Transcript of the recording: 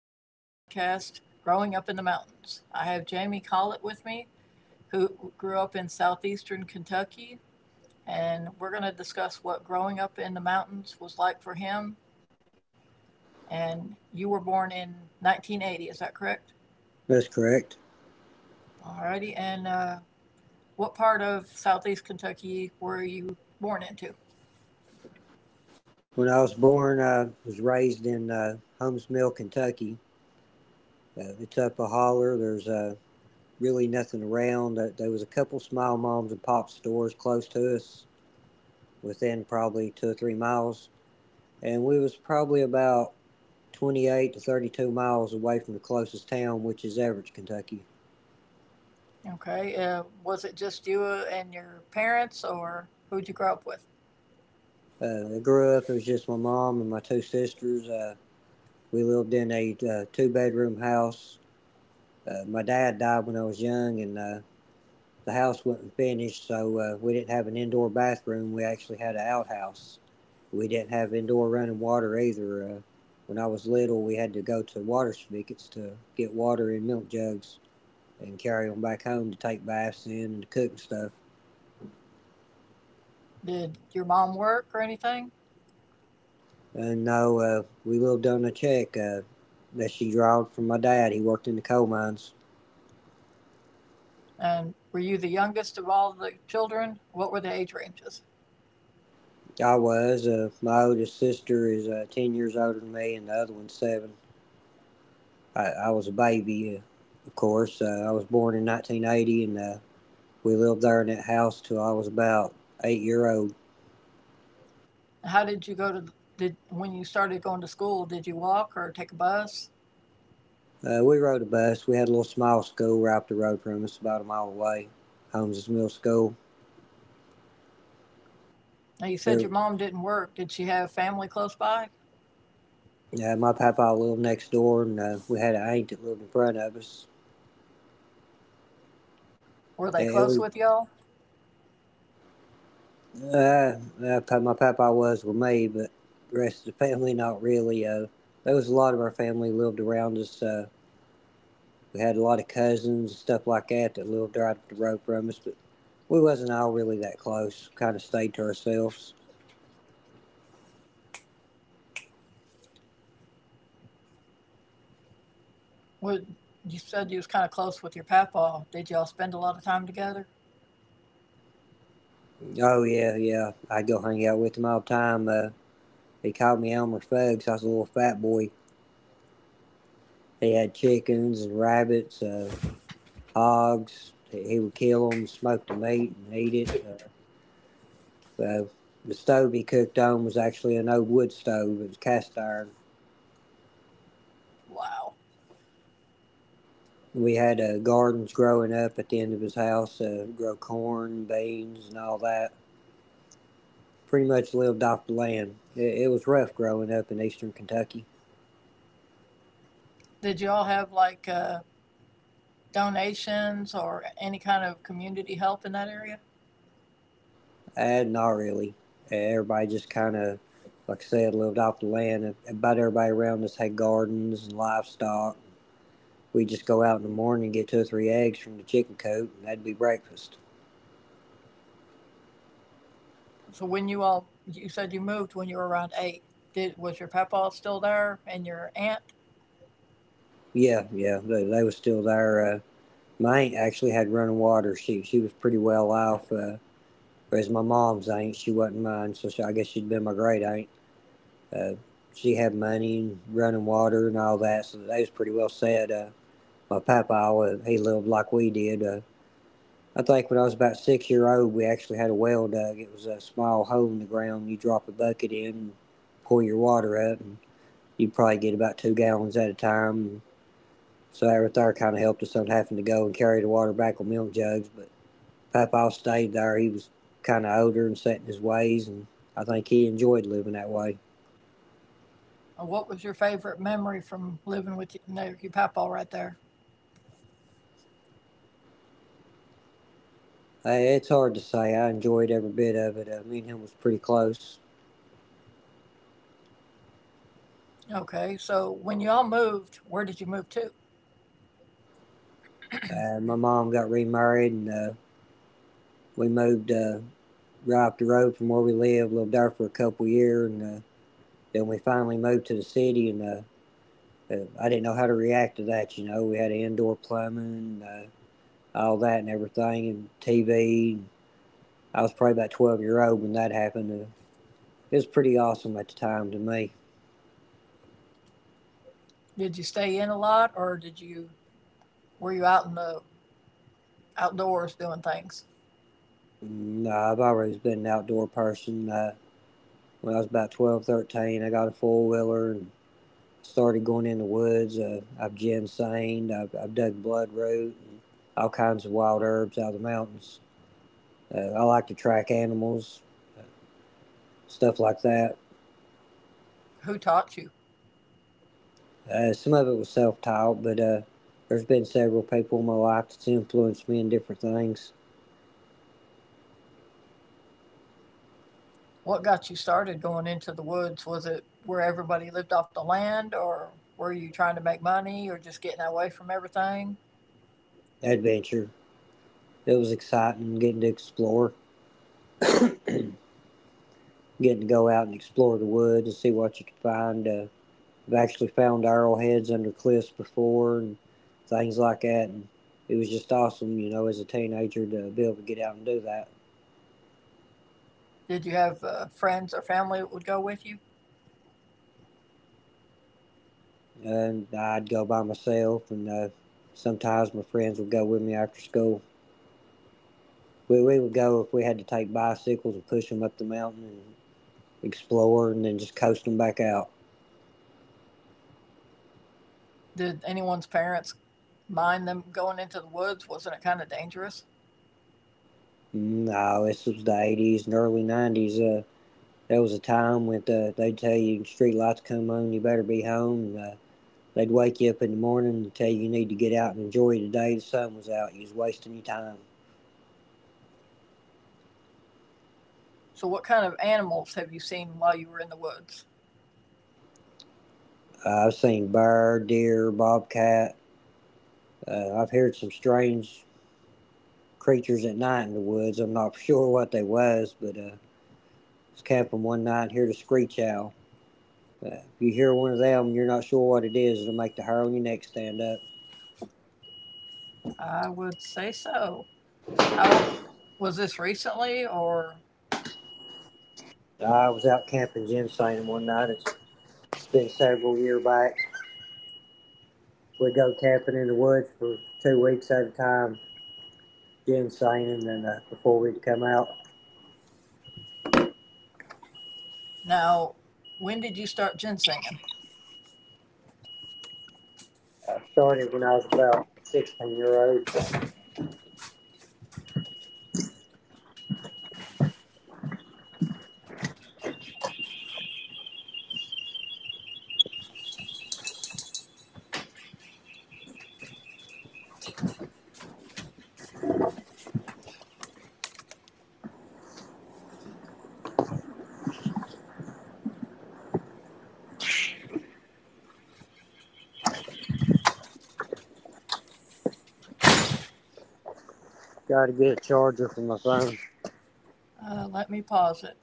a podcast, Growing Up in the Mountains. I have Jamie Collett with me, who grew up in southeastern Kentucky, and we're going to discuss what growing up in the mountains was like for him. And you were born in 1980, is that correct? That's correct. Alrighty, and what part of southeast Kentucky were you born into? When I was born, I was raised in Holmes Mill, Kentucky. It's up a holler. There's really nothing around. There was a couple small moms and pop stores close to us, within probably 2 or 3 miles, and we was probably about 28 to 32 miles away from the closest town, which is Everett, Kentucky. Okay, was it just you and your parents, or who'd you grow up with? I grew up. It was just my mom and my two sisters. We lived in a two-bedroom house. My dad died when I was young, and the house wasn't finished, so we didn't have an indoor bathroom. We actually had an outhouse. We didn't have indoor running water either. When I was little, we had to go to water spigots to get water in milk jugs and carry them back home to take baths in and to cook and stuff. Did your mom work or anything? And no, we lived on a check that she drawed from my dad. He worked in the coal mines. And were you the youngest of all the children? What were the age ranges? I was. My oldest sister is 10 years older than me, and the other one's seven. I was a baby, of course. I was born in 1980, and we lived there in that house till I was about 8 year old. How did you go to did when you started going to school? Did you walk or take a bus? We rode a bus. We had a little small school right up the road from us, about a mile away, Holmes's Middle School. Now you said It, your mom didn't work. Did she have family close by? My papa lived next door, and we had an aunt that lived in front of us. Were they And It close was, with y'all? uh, my papa was with me, but the rest of the family not really. There was a lot of our family lived around us. We had a lot of cousins and stuff like that that lived right up the road from us, but we wasn't all really that close. Kind of stayed to ourselves. Would you said you was kind of close with your papa. Did y'all spend a lot of time together? Oh yeah, yeah, I'd go hang out with him all the time. He called me Elmer Fudd 'cause I was a little fat boy. He had chickens and rabbits, hogs. He would kill them, smoke the meat, and eat it. Uh, the stove he cooked on was actually an old wood stove. It was cast iron. Wow. We had gardens growing up at the end of his house, grow corn, beans, and all that. Pretty much lived off the land. It was rough growing up in eastern Kentucky. Did y'all have like donations or any kind of community help in that area? Not really. Everybody just kind of, like I said, lived off the land. About everybody around us had gardens and livestock. We'd just go out in the morning and get two or three eggs from the chicken coop, and that'd be breakfast. So when you all, you said you moved when you were around eight. Did was your papa still there and your aunt? Yeah, yeah, they was still there. My aunt actually had running water. She was pretty well off. Whereas my mom's aunt, she wasn't mine, so she, I guess she'd been my great aunt. Uh, she had money and running water and all that, so they was pretty well set. My papa always he lived like we did. I think when I was about 6 year old, we actually had a well dug. It was a small hole in the ground. You drop a bucket in, and pull your water up, and you probably get about 2 gallons at a time. So that right there kind of helped us on having to go and carry the water back on milk jugs. But Papa stayed there. He was kind of older and set in his ways, and I think he enjoyed living that way. And what was your favorite memory from living with your, no, your papa right there? It's hard to say. I enjoyed every bit of it. Me and him was pretty close. Okay, so when you all moved, where did you move to? My mom got remarried, and we moved right up the road from where we lived. Lived there for a couple years, and then we finally moved to the city. And I didn't know how to react to that. You know, we had indoor plumbing, and, all that, and everything, and TV. And I was probably about 12 year old when that happened. It was pretty awesome at the time to me. Did you stay in a lot, or did you were you out in the outdoors doing things? I've always been an outdoor person. When I was about 12, 13, I got a four wheeler and started going in the woods. I've ginsenged, I've dug bloodroot, and all kinds of wild herbs out of the mountains. I like to track animals, stuff like that. Who taught you? Some of it was self taught, but there's been several people in my life that's influenced me in different things. What got you started going into the woods? Was it where everybody lived off the land, or were you trying to make money, or just getting away from everything? Adventure. It was exciting getting to explore, getting to go out and explore the woods and see what you could find. I've actually found arrowheads under cliffs before and things like that. And it was just awesome, you know, as a teenager to be able to get out and do that. Did you have friends or family that would go with you? And I'd go by myself, and sometimes my friends would go with me after school. We would go if we had to take bicycles and push them up the mountain and explore and then just coast them back out. Did anyone's parents mind them going into the woods? Wasn't it kind of dangerous? No, this was the 80s and early 90s. There was a time when they'd tell you street lights come on, you better be home. And, they'd wake you up in the morning and tell you you need to get out and enjoy the day. The sun was out. You was wasting your time. So, what kind of animals have you seen while you were in the woods? I've seen bear, deer, bobcat. I've heard some strange creatures at night in the woods. I'm not sure what they was, but I was camping one night and heard a screech owl. If you hear one of them, and you're not sure what it is. It'll make the hair on your neck stand up. I would say so. How was this recently, or I was out camping ginseng one night. It's been several year back. We'd go camping in the woods for 2 weeks at a time. Jim Sainin, and before we'd come out, now? When did you start ginsenging? I started when I was about 16-year-old. Got to get a charger for my phone. Let me pause it.